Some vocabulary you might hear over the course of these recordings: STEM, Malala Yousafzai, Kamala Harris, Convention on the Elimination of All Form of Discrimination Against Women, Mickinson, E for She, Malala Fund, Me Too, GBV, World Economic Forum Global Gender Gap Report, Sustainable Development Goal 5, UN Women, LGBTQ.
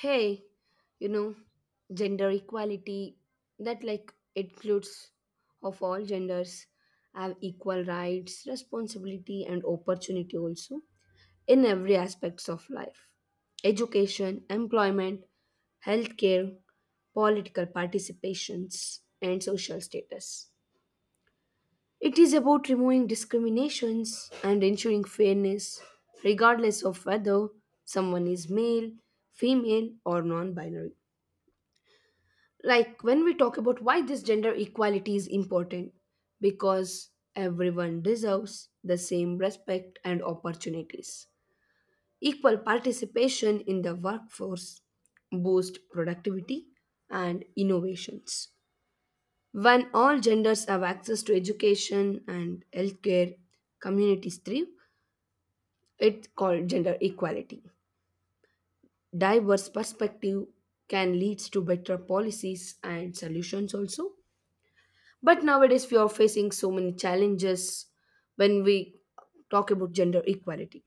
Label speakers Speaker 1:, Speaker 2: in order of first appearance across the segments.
Speaker 1: Hey, you know, gender equality that like includes of all genders have equal rights, responsibility and opportunity also in every aspects of life. Education, employment, healthcare, political participations and social status. It is about removing discriminations and ensuring fairness, regardless of whether someone is male, female, or non binary. Like when we talk about why this gender equality is important, because everyone deserves the same respect and opportunities. Equal participation in the workforce boosts productivity and innovations. When all genders have access to education and healthcare, communities thrive. It's called gender equality. Diverse perspective can lead to better policies and solutions also. But nowadays we are facing so many challenges when we talk about gender equality.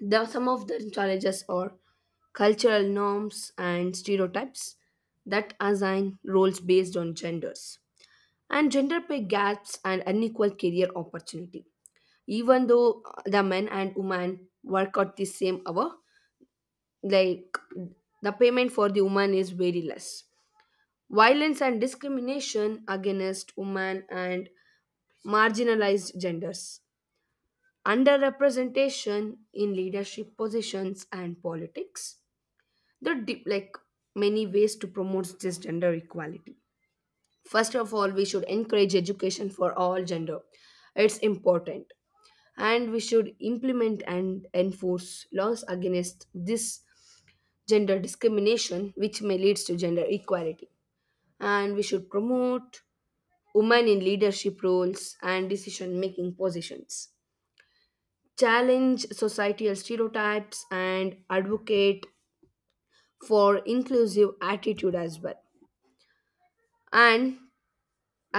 Speaker 1: Some of the challenges are cultural norms and stereotypes that assign roles based on genders and gender pay gaps and unequal career opportunity. Even though the men and women work at the same hour, like the payment for the woman is very less. Violence and discrimination against women and marginalized genders. Underrepresentation in leadership positions and politics. There are deep, like many ways to promote this gender equality. First of all, we should encourage education for all gender. It's important. And we should implement and enforce laws against this gender discrimination which may leads to gender equality, and we should promote women in leadership roles and decision making positions, challenge societal stereotypes and advocate for inclusive attitude as well. And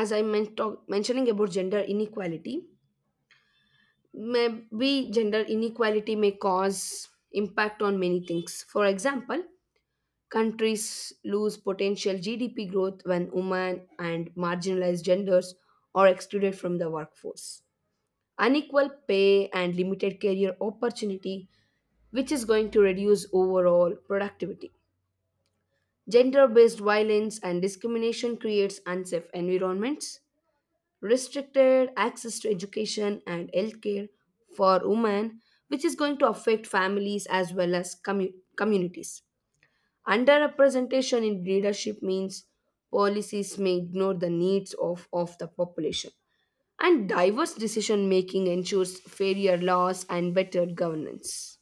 Speaker 1: as i mentioning about gender inequality, maybe gender inequality may cause impact on many things. For example, countries lose potential GDP growth when women and marginalized genders are excluded from the workforce. Unequal pay and limited career opportunity, which is going to reduce overall productivity. Gender based violence and discrimination creates unsafe environments. Restricted access to education and healthcare for women, which is going to affect families as well as communities. Underrepresentation in leadership means policies may ignore the needs of the population. And diverse decision making ensures fairer laws and better governance.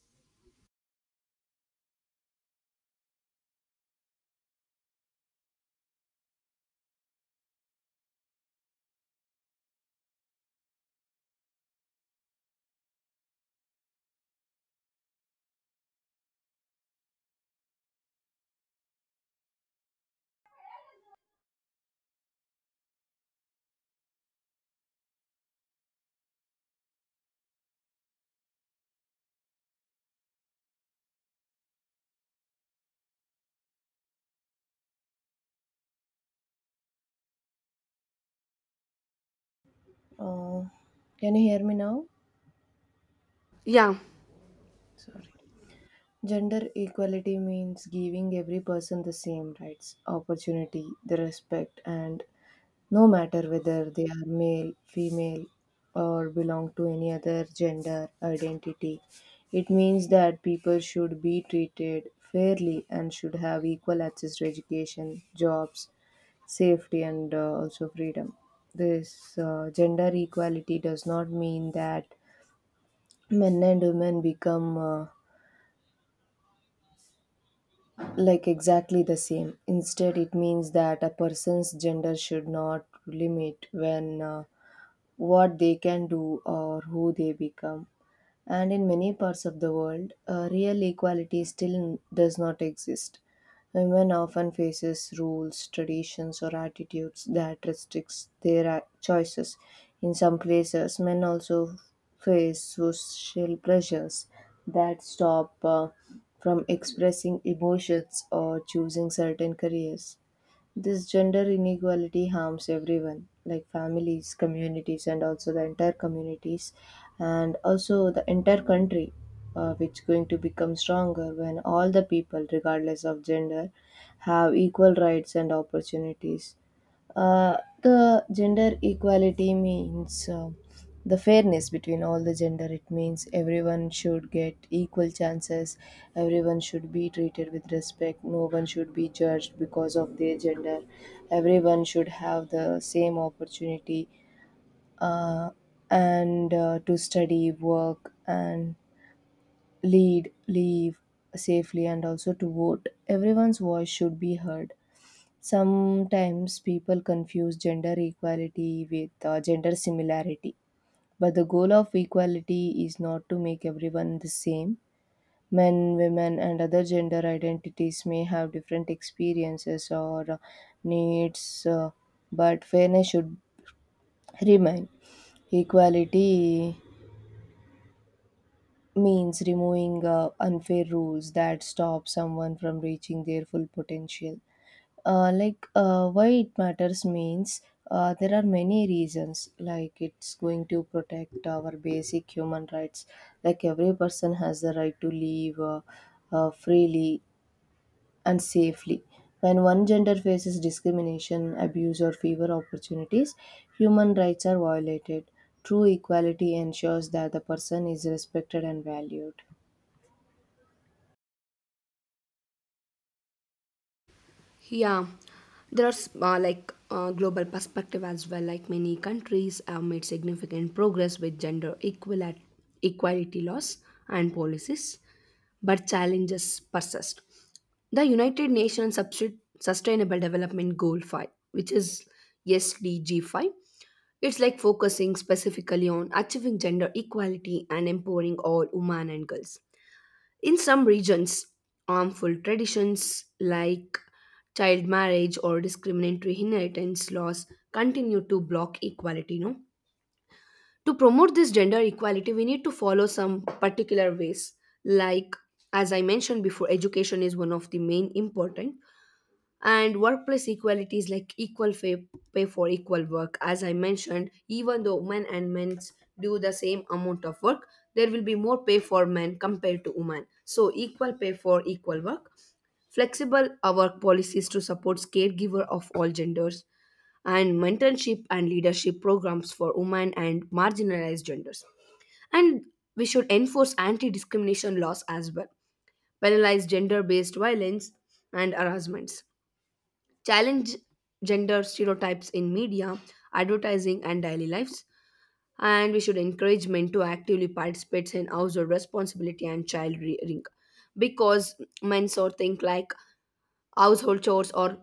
Speaker 2: Uh, can you hear me now?
Speaker 1: Yeah,
Speaker 2: Sorry. Gender equality means giving every person the same rights, opportunity, the respect, and no matter whether they are male, female, or belong to any other gender identity. It means that people should be treated fairly and should have equal access to education, jobs, safety, and also freedom. This gender equality does not mean that men and women become like exactly the same. Instead, it means that a person's gender should not limit when what they can do or who they become. And in many parts of the world, real equality still does not exist. Women often faces rules, traditions, or attitudes that restricts their choices. In some places, men also face social pressures that stop from expressing emotions or choosing certain careers. This gender inequality harms everyone, like families, communities, and also the entire communities, and also the entire country, which going to become stronger when all the people, regardless of gender, have equal rights and opportunities. Uh, the gender equality means the fairness between all the gender. It means everyone should get equal chances. Everyone should be treated with respect. No one should be judged because of their gender. Everyone should have the same opportunity uh, and to study, work, and leave safely, and also to vote. Everyone's voice should be heard. Sometimes people confuse gender equality with gender similarity, but the goal of equality is not to make everyone the same. Men, women, and other gender identities may have different experiences or needs, but fairness should remain. Equality means removing unfair rules that stop someone from reaching their full potential. Why it matters means there are many reasons, like it's going to protect our basic human rights, like every person has the right to live freely and safely. When one gender faces discrimination, abuse, or fewer opportunities, human rights are violated. True equality ensures that the person is respected and valued.
Speaker 1: yeah. There's like global perspective as well. Like many countries have made significant progress with gender equal equality laws and policies, but challenges persist. The Sustainable Development Goal 5, which is SDG 5. It's like focusing specifically on achieving gender equality and empowering all women and girls. In some regions, harmful traditions like child marriage or discriminatory inheritance laws continue to block equality, no? To promote this gender equality, we need to follow some particular ways, like as I mentioned before, education is one of the main important, and workplace equality is like equal pay, pay for equal work. As I mentioned, even though men and men do the same amount of work, there will be more pay for men compared to women, so equal pay for equal work. Flexible work policies to support caregiver of all genders, and mentorship and leadership programs for women and marginalized genders. And we should enforce anti-discrimination laws as well, penalize gender-based violence and harassments, challenge gender stereotypes in media, advertising, and daily lives. And we should encourage men to actively participate in household responsibility and child rearing, because men sort think like household chores are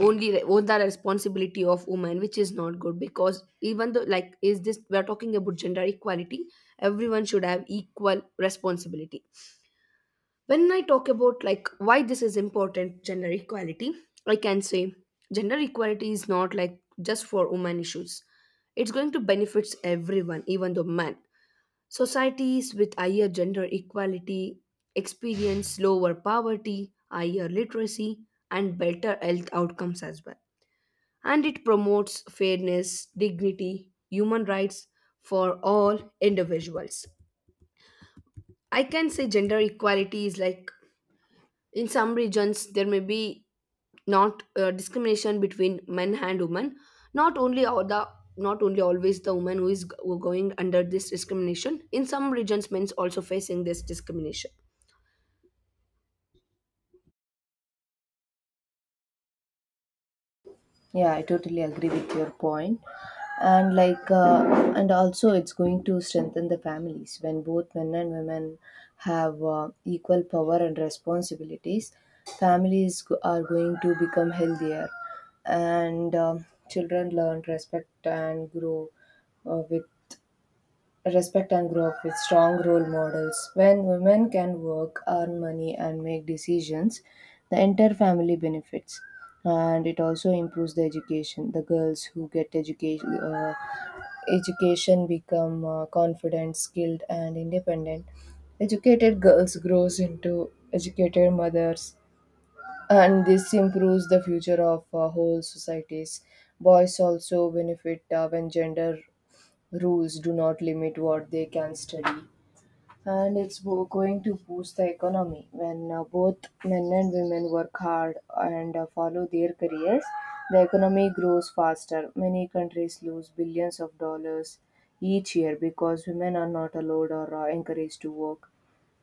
Speaker 1: only on the responsibility of women, which is not good, because even though like is this we're talking about gender equality, everyone should have equal responsibility. When I talk about like why this is important, gender equality, I can say gender equality is not like just for women issues, it's going to benefits everyone, even the men. Societies with higher gender equality experience lower poverty, higher literacy, and better health outcomes as well. And it promotes fairness, dignity, human rights for all individuals. I can say gender equality is like, in some regions there may be not discrimination between men and women. not only all the Not only always the woman who is who going under this discrimination. In some regions men's also facing this discrimination.
Speaker 2: Yeah, I totally agree with your point. And and also it's going to strengthen the families when both men and women have equal power and responsibilities. Are going to become healthier, and children learn respect and grow with respect and grow up with strong role models. When women can work, earn money, and make decisions, the entire family benefits. And it also improves the education. The girls who get education become confident, skilled, and independent. Educated girls grows into educated mothers, and this improves the future of whole societies. Boys also benefit when gender rules do not limit what they can study, and going to boost the economy. When both men and women work hard and follow their careers, the economy grows faster. Many countries lose billions of dollars each year because women are not allowed or encouraged to work,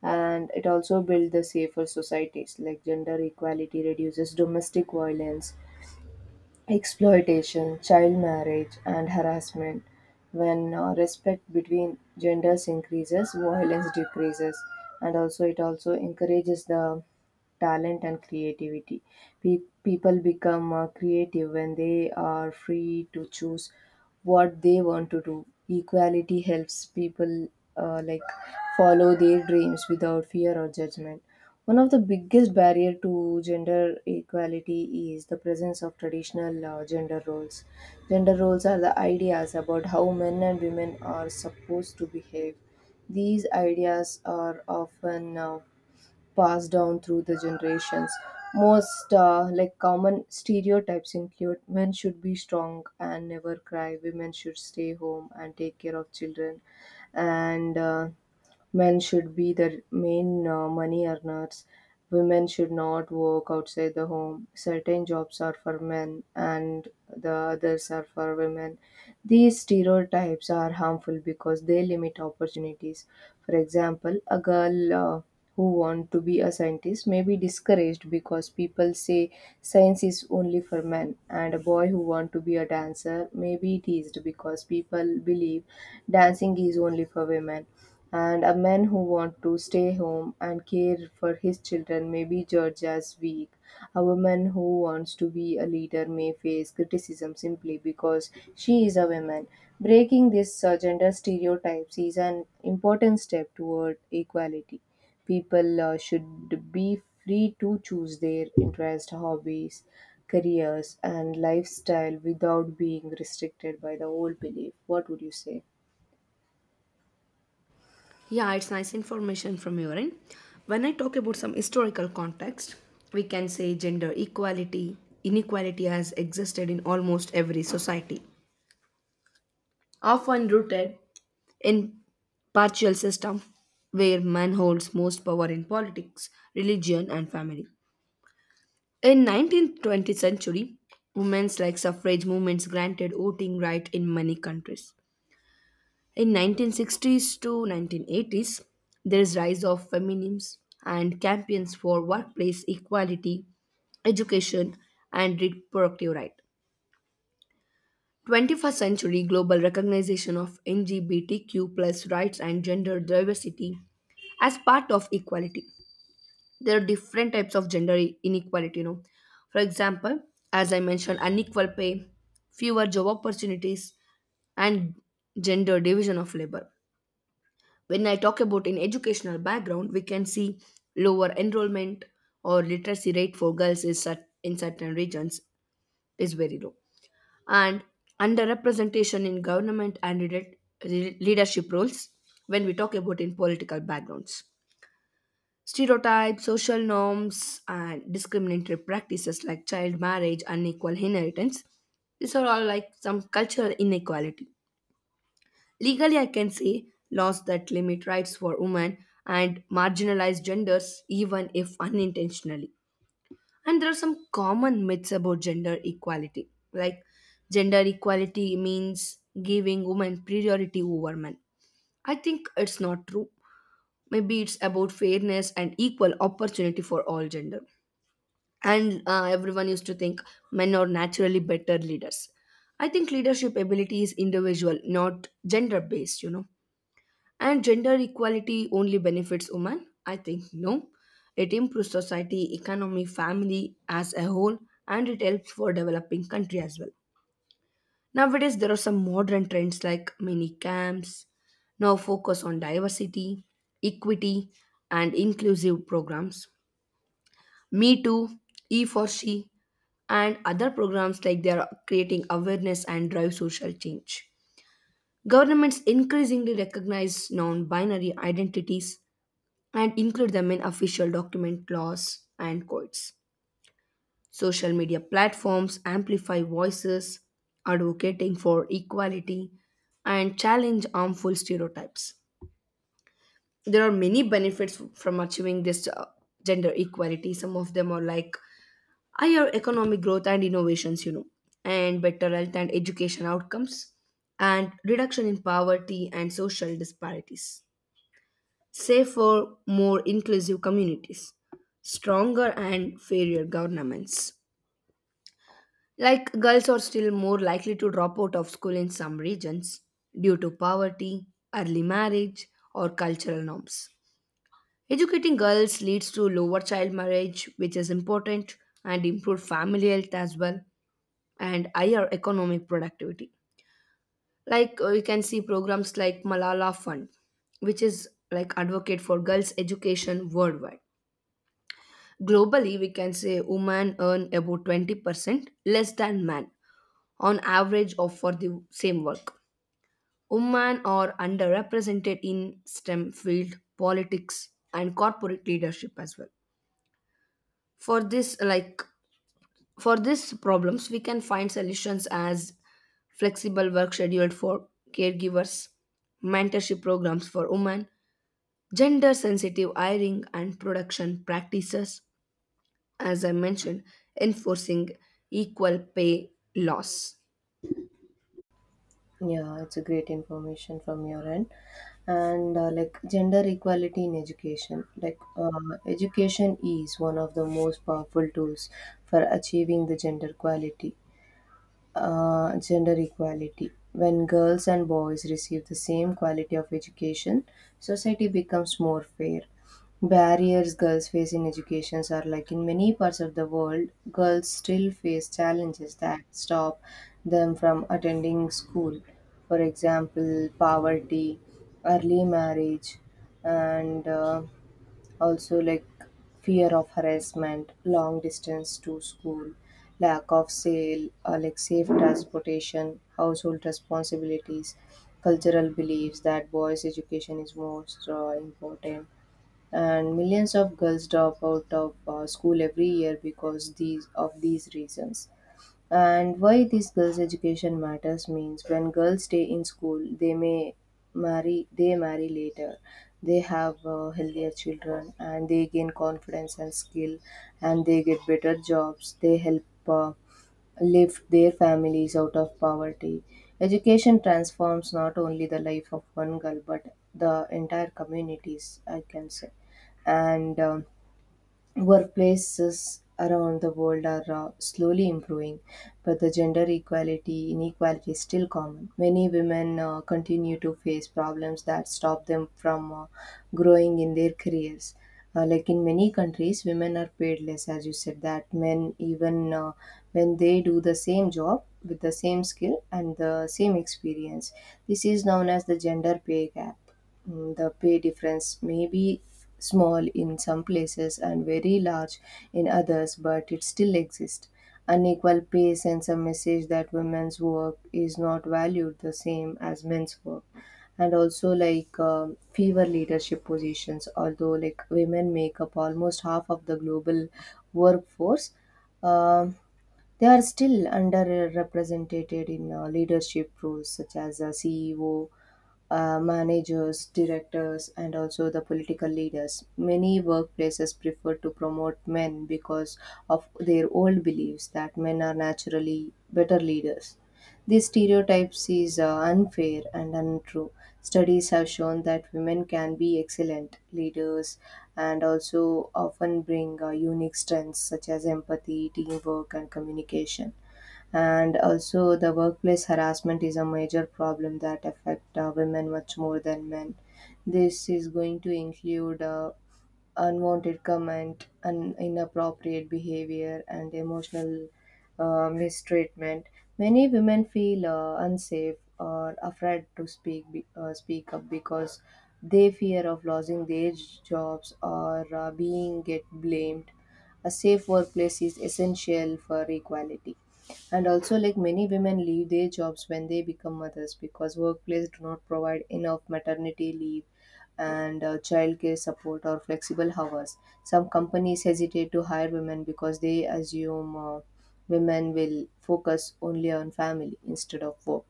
Speaker 2: and it also builds the safer societies, like gender equality reduces domestic violence, exploitation, child marriage, and harassment. When respect between genders increases, violence decreases, and also it also encourages the talent and creativity. People become creative when they are free to choose what they want to do. Equality helps people uh, like follow their dreams without fear or judgment. One of the biggest barrier to gender equality is the presence of traditional gender roles. Gender roles are the ideas about how men and women are supposed to behave. These ideas are often passed down through the generations. Most common stereotypes include men should be strong and never cry, women should stay home and take care of children, and men should be the main money earners. Women should not work outside the home. Certain jobs are for men and the others are for women. These stereotypes are harmful because they limit opportunities. For example, a girl who wants to be a scientist may be discouraged because people say science is only for men, and a boy who wants to be a dancer may be teased because people believe dancing is only for women, and a man who wants to stay home and care for his children may be judged as weak. A woman who wants to be a leader may face criticism simply because she is a woman. Breaking these gender stereotypes is an important step toward equality. People should be free to choose their interests, hobbies, careers, and lifestyle without being restricted by the old belief. What would you say?
Speaker 1: Yeah, it's nice information from your end. When I talk about some historical context, we can say gender equality inequality has existed in almost every society, often rooted in partial system where man holds most power in politics, religion and family. In 19th-20th century, women's like suffrage movements granted voting right in many countries. In 1960s to 1980s, there is rise of feminism and campaigns for workplace equality, education and reproductive rights. 21st century global recognition of LGBTQ plus rights and gender diversity as part of equality. There are different types of gender inequality, you know. For example, as I mentioned, unequal pay, fewer job opportunities, and gender division of labor. When I talk about in educational background, we can see lower enrollment or literacy rate for girls is in certain regions is very low, and underrepresentation in government and leadership roles when we talk about in political backgrounds. Stereotypes, social norms, and discriminatory practices like child marriage, unequal inheritance, these are all like some cultural inequality. Legally, I can say laws that limit rights for women and marginalized genders, even if unintentionally. And there are some common myths about gender equality. Like, gender equality means giving women priority over men. I think it's not true. Maybe it's about fairness and equal opportunity for all gender. And everyone used to think men are naturally better leaders. I think leadership ability is individual, not gender based, you know. And gender equality only benefits women? I think no. It improves society, economy, family as a whole, and it helps for developing country as well. Nowadays, there are some modern trends like mini camps, now focus on diversity, equity, and inclusive programs. Me Too, E for She, and other programs like they are creating awareness and drive social change. Governments increasingly recognize non binary identities and include them in official document laws and codes. Social media platforms amplify voices advocating for equality and challenge harmful stereotypes. There are many benefits from achieving this gender equality. Some of them are like higher economic growth and innovations, you know, and better health and education outcomes, and reduction in poverty and social disparities, safer, more inclusive communities, stronger and fairer governments. Like girls are still more likely to drop out of school in some regions due to poverty, early marriage, or cultural norms. Educating girls leads to lower child marriage, which is important, and improved family health as well, and higher economic productivity. Like you can see programs like Malala Fund, which is like advocate for girls' education worldwide. Globally, we can say women earn about 20% less than men on average of for the same work. Women are underrepresented in STEM field, politics, and corporate leadership as well. For this, like for these problems, we can find solutions as flexible work scheduled for caregivers, mentorship programs for women, gender sensitive hiring and production practices, as I mentioned, enforcing equal pay laws.
Speaker 2: Yeah, it's a great information from your end. And like gender equality in education, education is one of the most powerful tools for achieving the gender equality gender equality. When girls and boys receive the same quality of education, society becomes more fair. Barriers girls face in education are like in many parts of the world, girls still face challenges that stop them from attending school. For example, poverty, early marriage, and also like fear of harassment, long distance to school, lack of sale like safe transportation, household responsibilities, cultural beliefs that boys education is most important, and millions of girls drop out of school every year because these of these reasons. And why this girls' education matters means when girls stay in school, they marry later. They have healthier children and they gain confidence and skill, and they get better jobs. They help lift their families out of poverty. Education transforms not only the life of one girl but the entire communities, I can say. And Workplaces around the world are slowly improving, but the gender equality inequality is still common. Many women continue to face problems that stop them from growing in their careers. In many countries, women are paid less, as you said, that men, even when they do the same job with the same skill and the same experience. This is known as the gender pay gap. Mm, the pay difference may be small in some places and very large in others, but it still exists. Unequal pay sends a message that women's work is not valued the same as men's work. And also, fewer leadership positions, although like women make up almost half of the global workforce, um, they are still underrepresented in leadership roles such as a CEO, managers, directors, and also the political leaders. Many workplaces prefer to promote men because of their old beliefs that men are naturally better leaders. These stereotypes is unfair and untrue. Studies have shown that women can be excellent leaders and also often bring unique strengths such as empathy, teamwork, and communication. And also, the workplace harassment is a major problem that affect women much more than men. This is going to include unwanted comment, and inappropriate behavior, and emotional mistreatment. Many women feel unsafe or afraid to speak speak up because they fear of losing their jobs or being get blamed. A safe workplace is essential for equality. And also, like many women leave their jobs when they become mothers because workplace do not provide enough maternity leave and childcare support or flexible hours. Some companies hesitate to hire women because they assume women will focus only on family instead of work.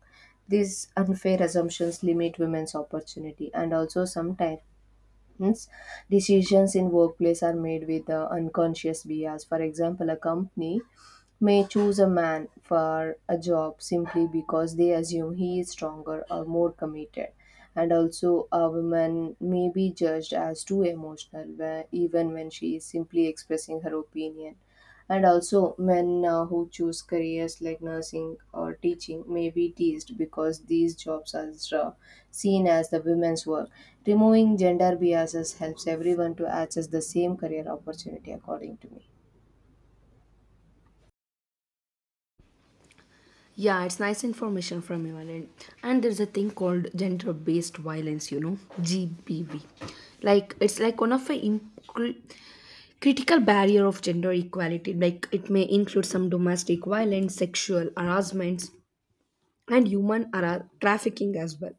Speaker 2: These unfair assumptions limit women's opportunity, and also sometimes decisions in workplace are made with unconscious bias. For example, a company may choose a man for a job simply because they assume he is stronger or more committed. And also, a woman may be judged as too emotional, where, even when she is simply expressing her opinion. And also, men who choose careers like nursing or teaching may be teased because these jobs are uh, seen as the women's work. Removing gender biases helps everyone to access the same career opportunity, according to me.
Speaker 1: Yeah, it's nice information from you, Anand. And there's a thing called gender based violence, you know, GBV. Like, it's like one of the critical barrier of gender equality. Like, it may include some domestic violence, sexual harassments, and trafficking as well.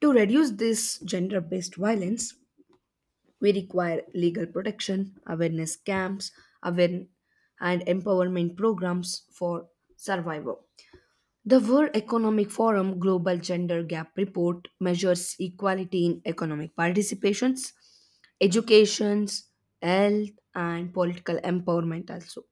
Speaker 1: To reduce this gender based violence, we require legal protection, awareness camps, aware- and empowerment programs for survivors. The World Economic Forum Global Gender Gap Report measures equality in economic participations, educations, health, and political empowerment also.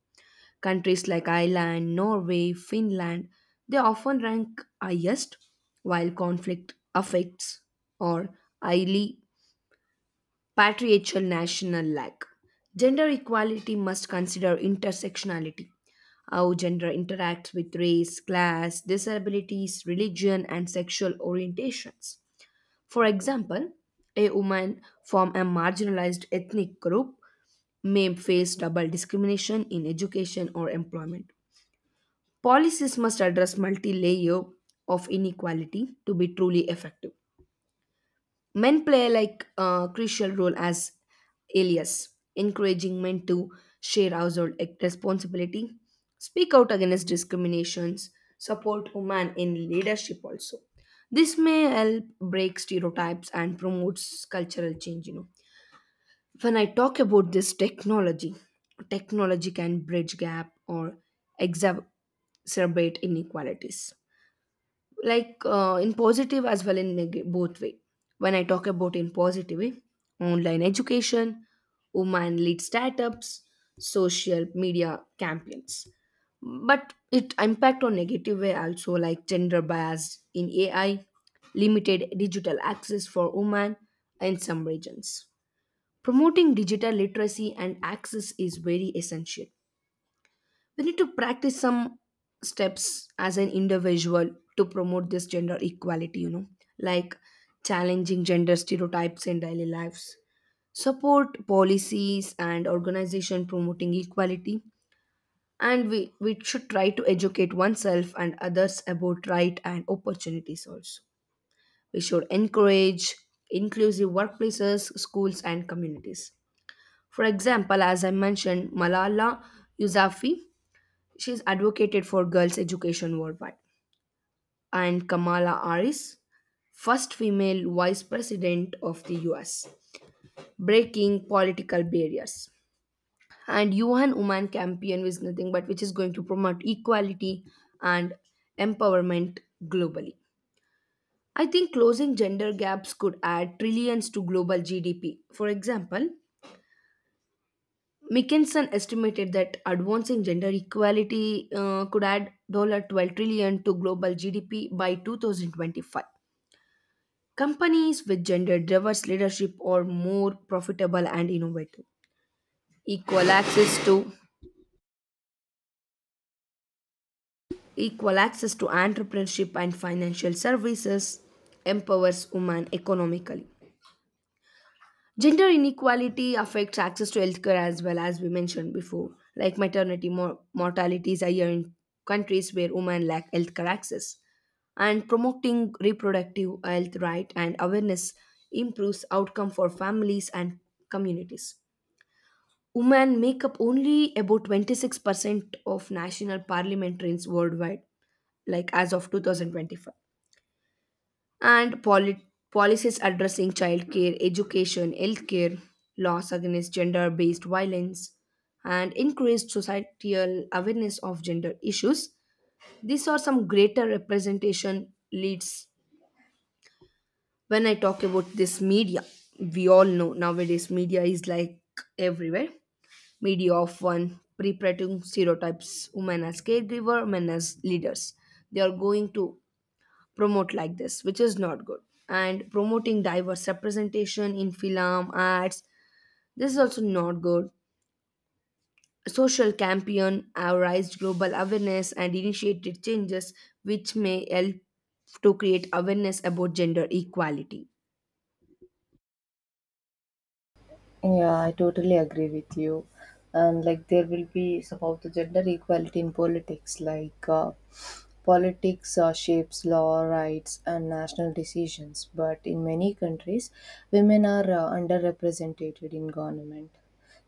Speaker 1: Countries like Ireland, Norway, Finland, they often rank highest, while conflict affects or highly patriarchal national lack. Gender equality must consider intersectionality, how gender interacts with race, class, disabilities, religion, and sexual orientations. For example, a woman from a marginalized ethnic group may face double discrimination in education or employment. Policies must address multi layer of inequality to be truly effective. Men play like a crucial role as alias, encouraging men to share household responsibility, speak out against discriminations, support women in leadership also. This may help break stereotypes and promotes cultural change, you know. When I talk about this technology, technology can bridge gap or exacerbate inequalities, like in positive as well in both way. When I talk about in positive way, online education, woman lead startups, social media campaigns. But it impact on negative way also, like gender bias in AI, limited digital access for women in some regions. Promoting digital literacy and access is very essential. We need to practice some steps as an individual to promote this gender equality, you know, like challenging gender stereotypes in daily lives, support policies and organization promoting equality, and we should try to educate oneself and others about right and opportunities also. We should encourage inclusive workplaces, schools and communities. For example, as I mentioned, Malala Yousafzai, she's advocated for girls' education worldwide. And Kamala Harris, first female vice president of the US, breaking political barriers. And UN Women Campaign is nothing but which is going to promote equality and empowerment globally. I think closing gender gaps could add trillions to global GDP. For example, Mickinson estimated that advancing gender equality could add $12 trillion to global GDP by 2025. Companies with gender diverse leadership are more profitable and innovative. Equal access to Equal access to entrepreneurship and financial services empowers women economically. Gender inequality affects access to healthcare as well, as we mentioned before, like maternity mortality is higher in countries where women lack healthcare access. And promoting reproductive health right and awareness improves outcome for families and communities. Women make up only about 26% of national parliamentarians worldwide, like as of 2025, and policies addressing childcare, education, healthcare, laws against gender based violence, and increased societal awareness of gender issues. These are some greater representation leads when I talk about this media. We all know nowadays media is like everywhere. Media of one perpetuating stereotypes, women as caregiver, men as leaders. They are going to promote like this, which is not good, and promoting diverse representation in film arts, this is also not good. Social campaign have raised global awareness and initiated changes which may help to create awareness about gender equality.
Speaker 2: Yeah, I totally agree with you. And like there will be, it's about the gender equality in politics, politics shapes law, rights, and national decisions. But in many countries, women are underrepresented in government.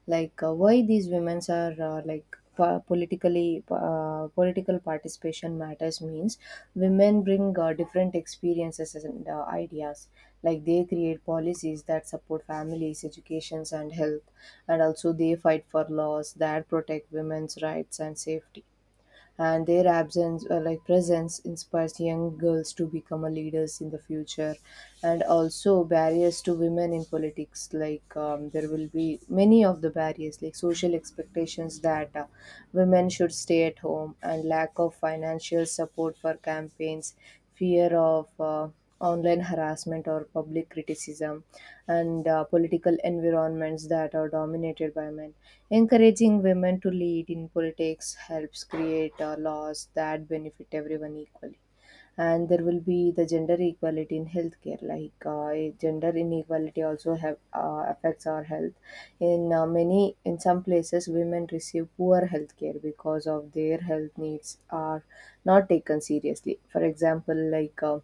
Speaker 2: Why these women are political participation matters means women bring different experiences and ideas, like they create policies that support families, educations, and health, and also they fight for laws that protect women's rights and safety, and their absence or like presence inspires young girls to become a leaders in the future. And also barriers to women in politics, like there will be many of the barriers, like social expectations that women should stay at home, and lack of financial support for campaigns, fear of online harassment or public criticism, and political environments that are dominated by men. Encouraging women to lead in politics helps create laws that benefit everyone equally, and there will be the gender equality in healthcare. Gender inequality also have affects our health in some places. Women receive poor healthcare because of their health needs are not taken seriously. For example,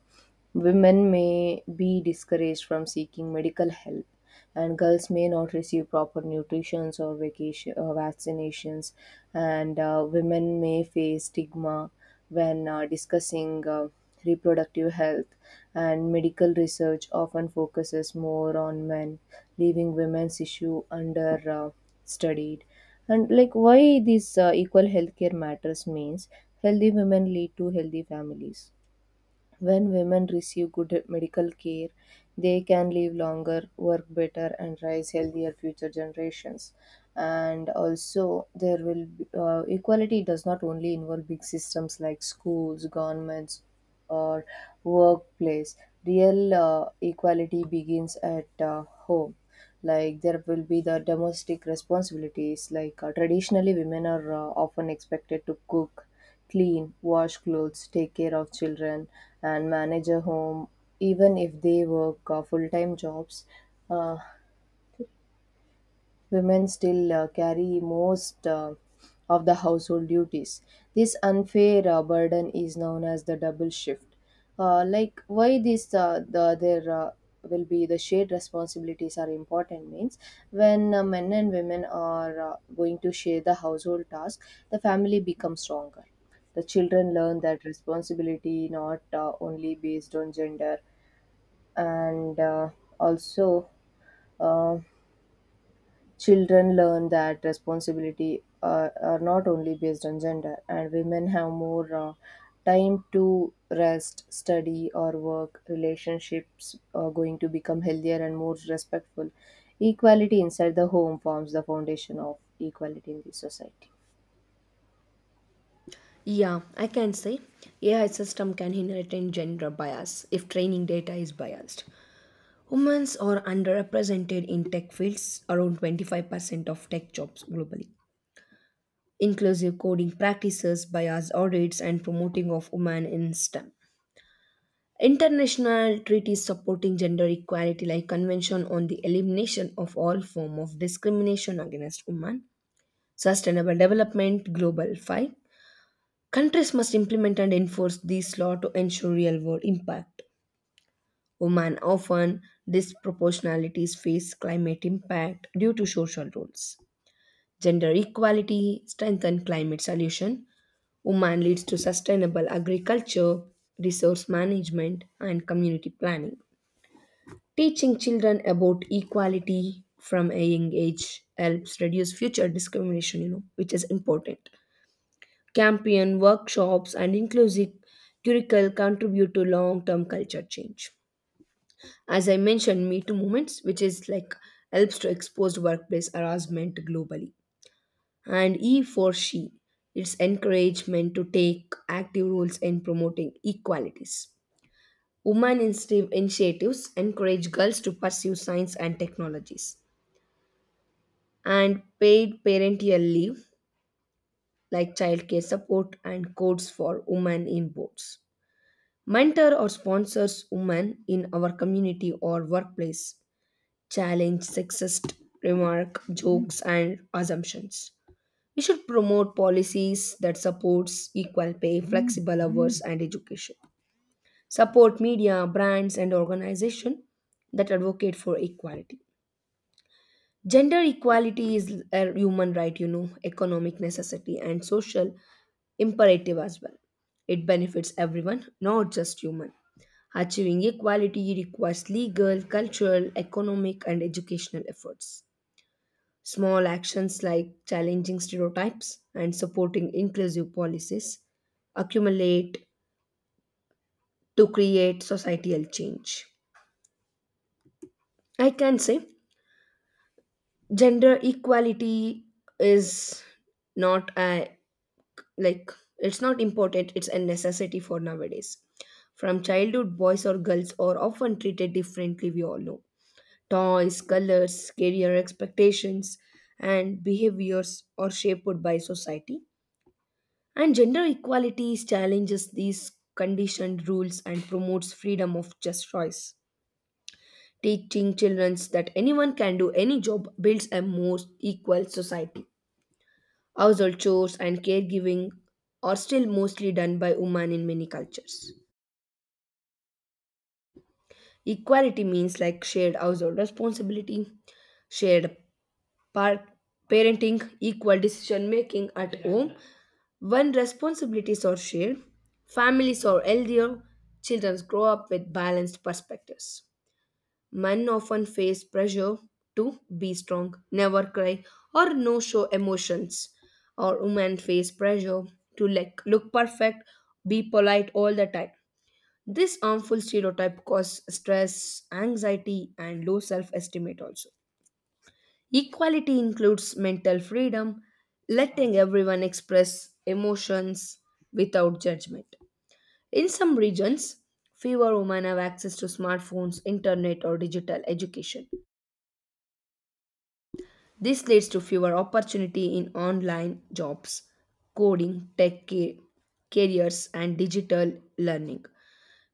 Speaker 2: women may be discouraged from seeking medical help, and girls may not receive proper nutritions or vaccinations, and women may face stigma when discussing reproductive health, and medical research often focuses more on men, leaving women's issue under studied. And like why this equal healthcare matters means healthy women lead to healthy families. When women receive good medical care, they can live longer, work better, and raise healthier future generations. And also, there will be, equality does not only involve big systems like schools, governments, or workplace. Real equality begins at home. Like there will be the domestic responsibilities. Traditionally, women are often expected to cook, clean, wash clothes, take care of children, and manage a home, even if they work full time jobs. Uh, Women still carry most of the household duties. This unfair burden is known as the double shift. Like why this the there will be the shared responsibilities are important means when men and women are going to share the household task, the family becomes stronger. The children learn that responsibility not only based on gender and also. Uh, Children learn that responsibility are not only based on gender, and women have more time to rest, study, or work. Relationships are going to become healthier and more respectful. Equality inside the home forms the foundation of equality in the society.
Speaker 1: Yeah, I can say AI system can inherit gender bias if training data is biased. Women are underrepresented in tech fields, around 25% of tech jobs globally. Inclusive coding practices, bias audits, and promoting of women in STEM. International treaties supporting gender equality, like Convention on the Elimination of All Form of Discrimination Against Women, Sustainable Development Global 5. Countries must implement and enforce these laws to ensure real world impact. Women often disproportionalities face climate impact due to social roles. Gender equality strengthen climate solution. Women leads to sustainable agriculture, resource management, and community planning. Teaching children about equality from a young age helps reduce future discrimination, you know, which is important. Campaign workshops and inclusive curricula contribute to long-term culture change. As I mentioned, Me Too movements, which is like helps to expose workplace harassment globally. And E for she, its encouragement to take active roles in promoting equalities. Women initiatives encourage girls to pursue science and technologies, and paid parental leave like childcare support and codes for women in boards. Mentor or sponsors women in our community or workplace, challenge sexist remark, jokes, and assumptions. We should promote policies that supports equal pay, flexible hours and education. Support media, brands and organizations that advocate for equality. Gender equality is a human right, you know, economic necessity and social imperative as well. It benefits everyone, not just human. Achieving equality requires legal, cultural, economic, and educational efforts. Small actions like challenging stereotypes and supporting inclusive policies accumulate to create societal change. I can say gender equality is not a like it's not important, it's a necessity for nowadays. From childhood, boys or girls are often treated differently, we all know. Toys, colors, career expectations, and behaviors are shaped by society. And gender equality challenges these conditioned rules and promotes freedom of just choice. Teaching children that anyone can do any job builds a more equal society. Household chores and caregiving are still mostly done by women in many cultures. Equality means like shared household responsibility, shared par- parenting, equal decision making at home. When responsibilities are shared, families are healthier, children grow up with balanced perspectives. Men often face pressure to be strong, never cry, or no show emotions. Or women face pressure to like look perfect, be polite all the time. This harmful stereotype causes stress, anxiety, and low self-estimate also. Equality includes mental freedom, letting everyone express emotions without judgment. In some regions, fewer women have access to smartphones, internet, or digital education. This leads to fewer opportunity in online jobs, coding, tech careers, and digital learning.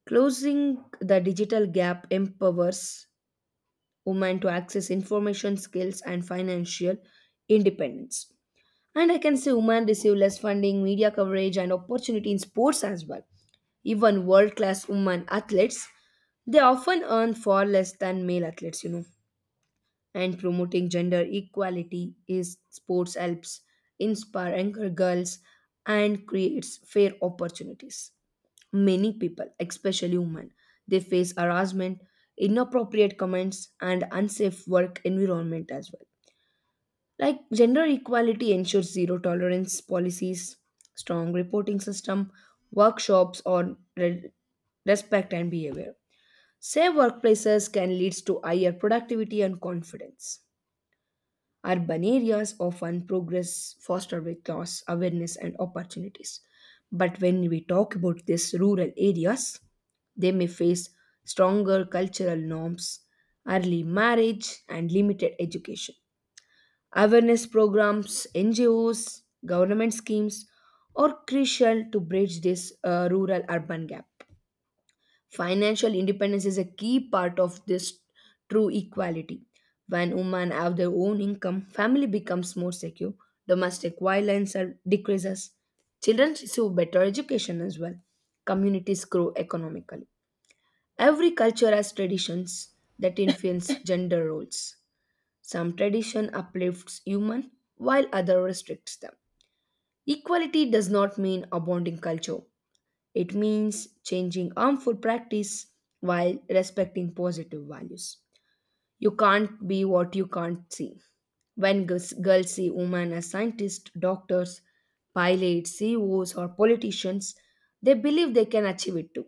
Speaker 1: Closing the digital gap empowers women to access information skills and financial independence. And I can say women receive less funding, media coverage, and opportunity in sports as well. Even world class women athletes, they often earn far less than male athletes, you know. And promoting gender equality is sports helps inspire younger girls and creates fair opportunities. Many people, especially women, they face harassment, inappropriate comments, and unsafe work environment as well, like gender equality ensures zero tolerance policies, strong reporting system, workshops on respect and behavior. Safe workplaces can lead to higher productivity and confidence. Urban areas often progress foster with laws awareness and opportunities, but when we talk about these rural areas, they may face stronger cultural norms, early marriage and limited education. Awareness programs, NGOs, government schemes are crucial to bridge this rural urban gap. Financial independence is a key part of this true equality. When women have their own income, family becomes more secure, domestic violence decreases, children receive better education as well, communities grow economically. Every culture has traditions that influence gender roles. Some tradition uplifts human while other restricts them. Equality does not mean abounding culture. It means changing harmful practice while respecting positive values. You can't be what you can't see. When girls see women as scientists, doctors, pilots, CEOs, or politicians, they believe they can achieve it too.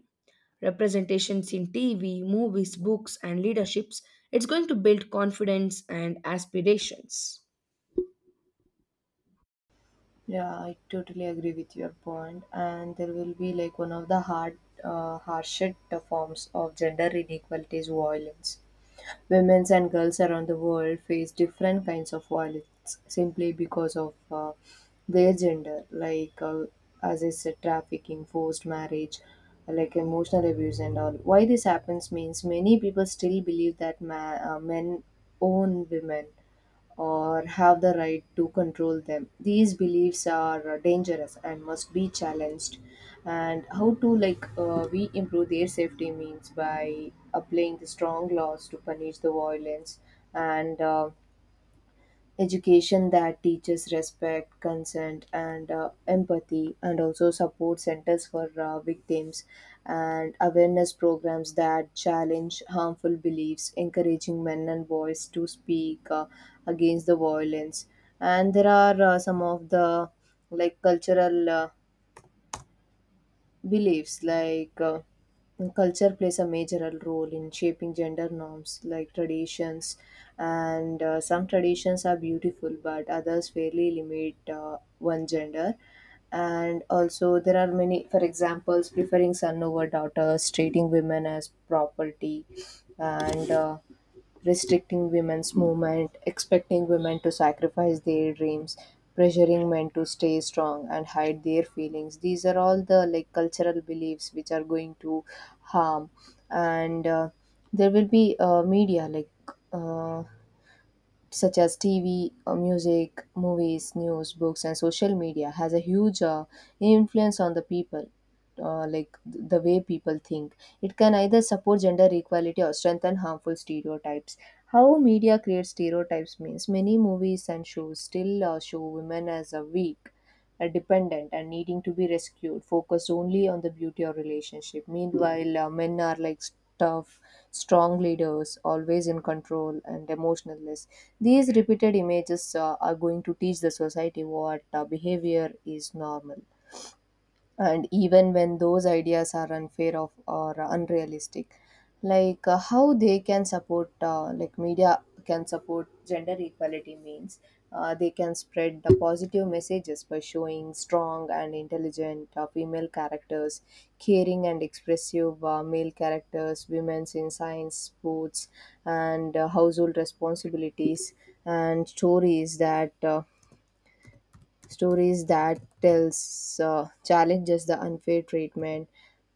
Speaker 1: Representations in TV, movies, books, and leaderships, it's going to build confidence and aspirations.
Speaker 2: Yeah, I totally agree with your point. And there will be like one of the harshest forms of gender inequality is violence. Women and girls around the world face different kinds of violence simply because of their gender, as I said, trafficking, forced marriage, like emotional abuse, and all. Why this happens means many people still believe that men own women or have the right to control them. These beliefs are dangerous and must be challenged. And how to like we improve their safety means by applying the strong laws to punish the violence and education that teaches respect, consent, and empathy, and also support centers for victims, and awareness programs that challenge harmful beliefs, encouraging men and boys to speak against the violence. And there are some of the like cultural beliefs culture plays a major role in shaping gender norms like traditions, and some traditions are beautiful but others fairly limit one gender, and also there are many. For examples, preferring son over daughters, treating women as property, and restricting women's movement, expecting women to sacrifice their dreams, pressuring men to stay strong and hide their feelings. These are all the like cultural beliefs which are going to harm, and there will be media Uh, such as TV, music, movies, news, books, and social media has a huge influence on the people. The way people think, it can either support gender equality or strengthen harmful stereotypes. How media creates stereotypes means many movies and shows still show women as a weak, dependent and needing to be rescued, focused only on the beauty of relationship. Meanwhile, men are like tough, strong leaders, always in control and emotionless. These repeated images are going to teach the society what behavior is normal, and even when those ideas are unfair of or unrealistic. How they can support, media can support gender equality means they can spread the positive messages by showing strong and intelligent female characters, caring and expressive male characters, women's in science, sports, and household responsibilities, and stories that tells challenges the unfair treatment.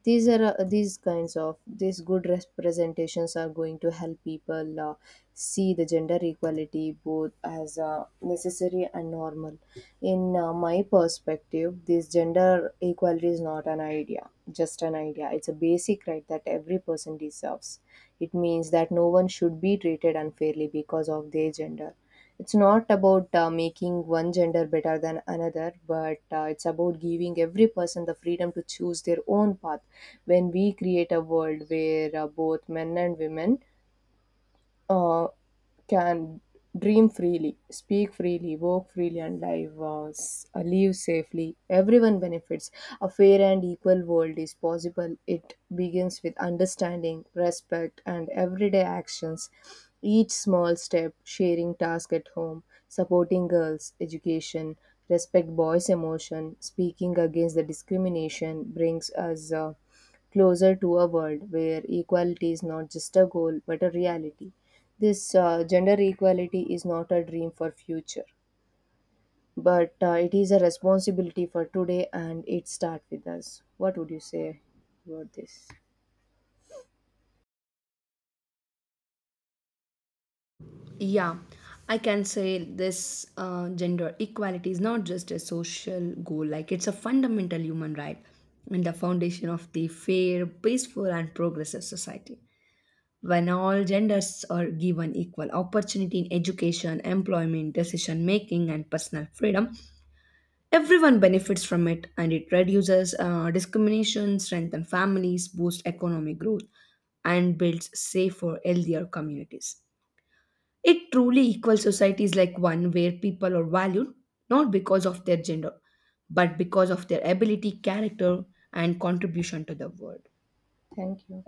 Speaker 2: These kinds of these good representations are going to help people see the gender equality both as necessary and normal. In my perspective, this gender equality is not an idea just an idea it's a basic right that every person deserves. It means that no one should be treated unfairly because of their gender. It's not about making one gender better than another, but it's about giving every person the freedom to choose their own path. When we create a world where both men and women uh, can dream freely, speak freely, work freely, and live, live safely. Everyone benefits. A fair and equal world is possible. It begins with understanding, respect, and everyday actions. Each small step, sharing tasks at home, supporting girls' education, respect boys' emotion, speaking against the discrimination, brings us closer to a world where equality is not just a goal but a reality. This gender equality is not a dream for future, but it is a responsibility for today, and it starts with us. What would you say about this?
Speaker 1: Yeah, I can say this gender equality is not just a social goal, like, it's a fundamental human right and the foundation of the fair, peaceful, and progressive society. When all genders are given equal opportunity in education, employment, decision making, and personal freedom, everyone benefits from it, and it reduces discrimination, strengthens families, boosts economic growth, and builds safer, healthier communities. A truly equal society is like one where people are valued not because of their gender, but because of their ability, character, and contribution to the world.
Speaker 2: Thank you.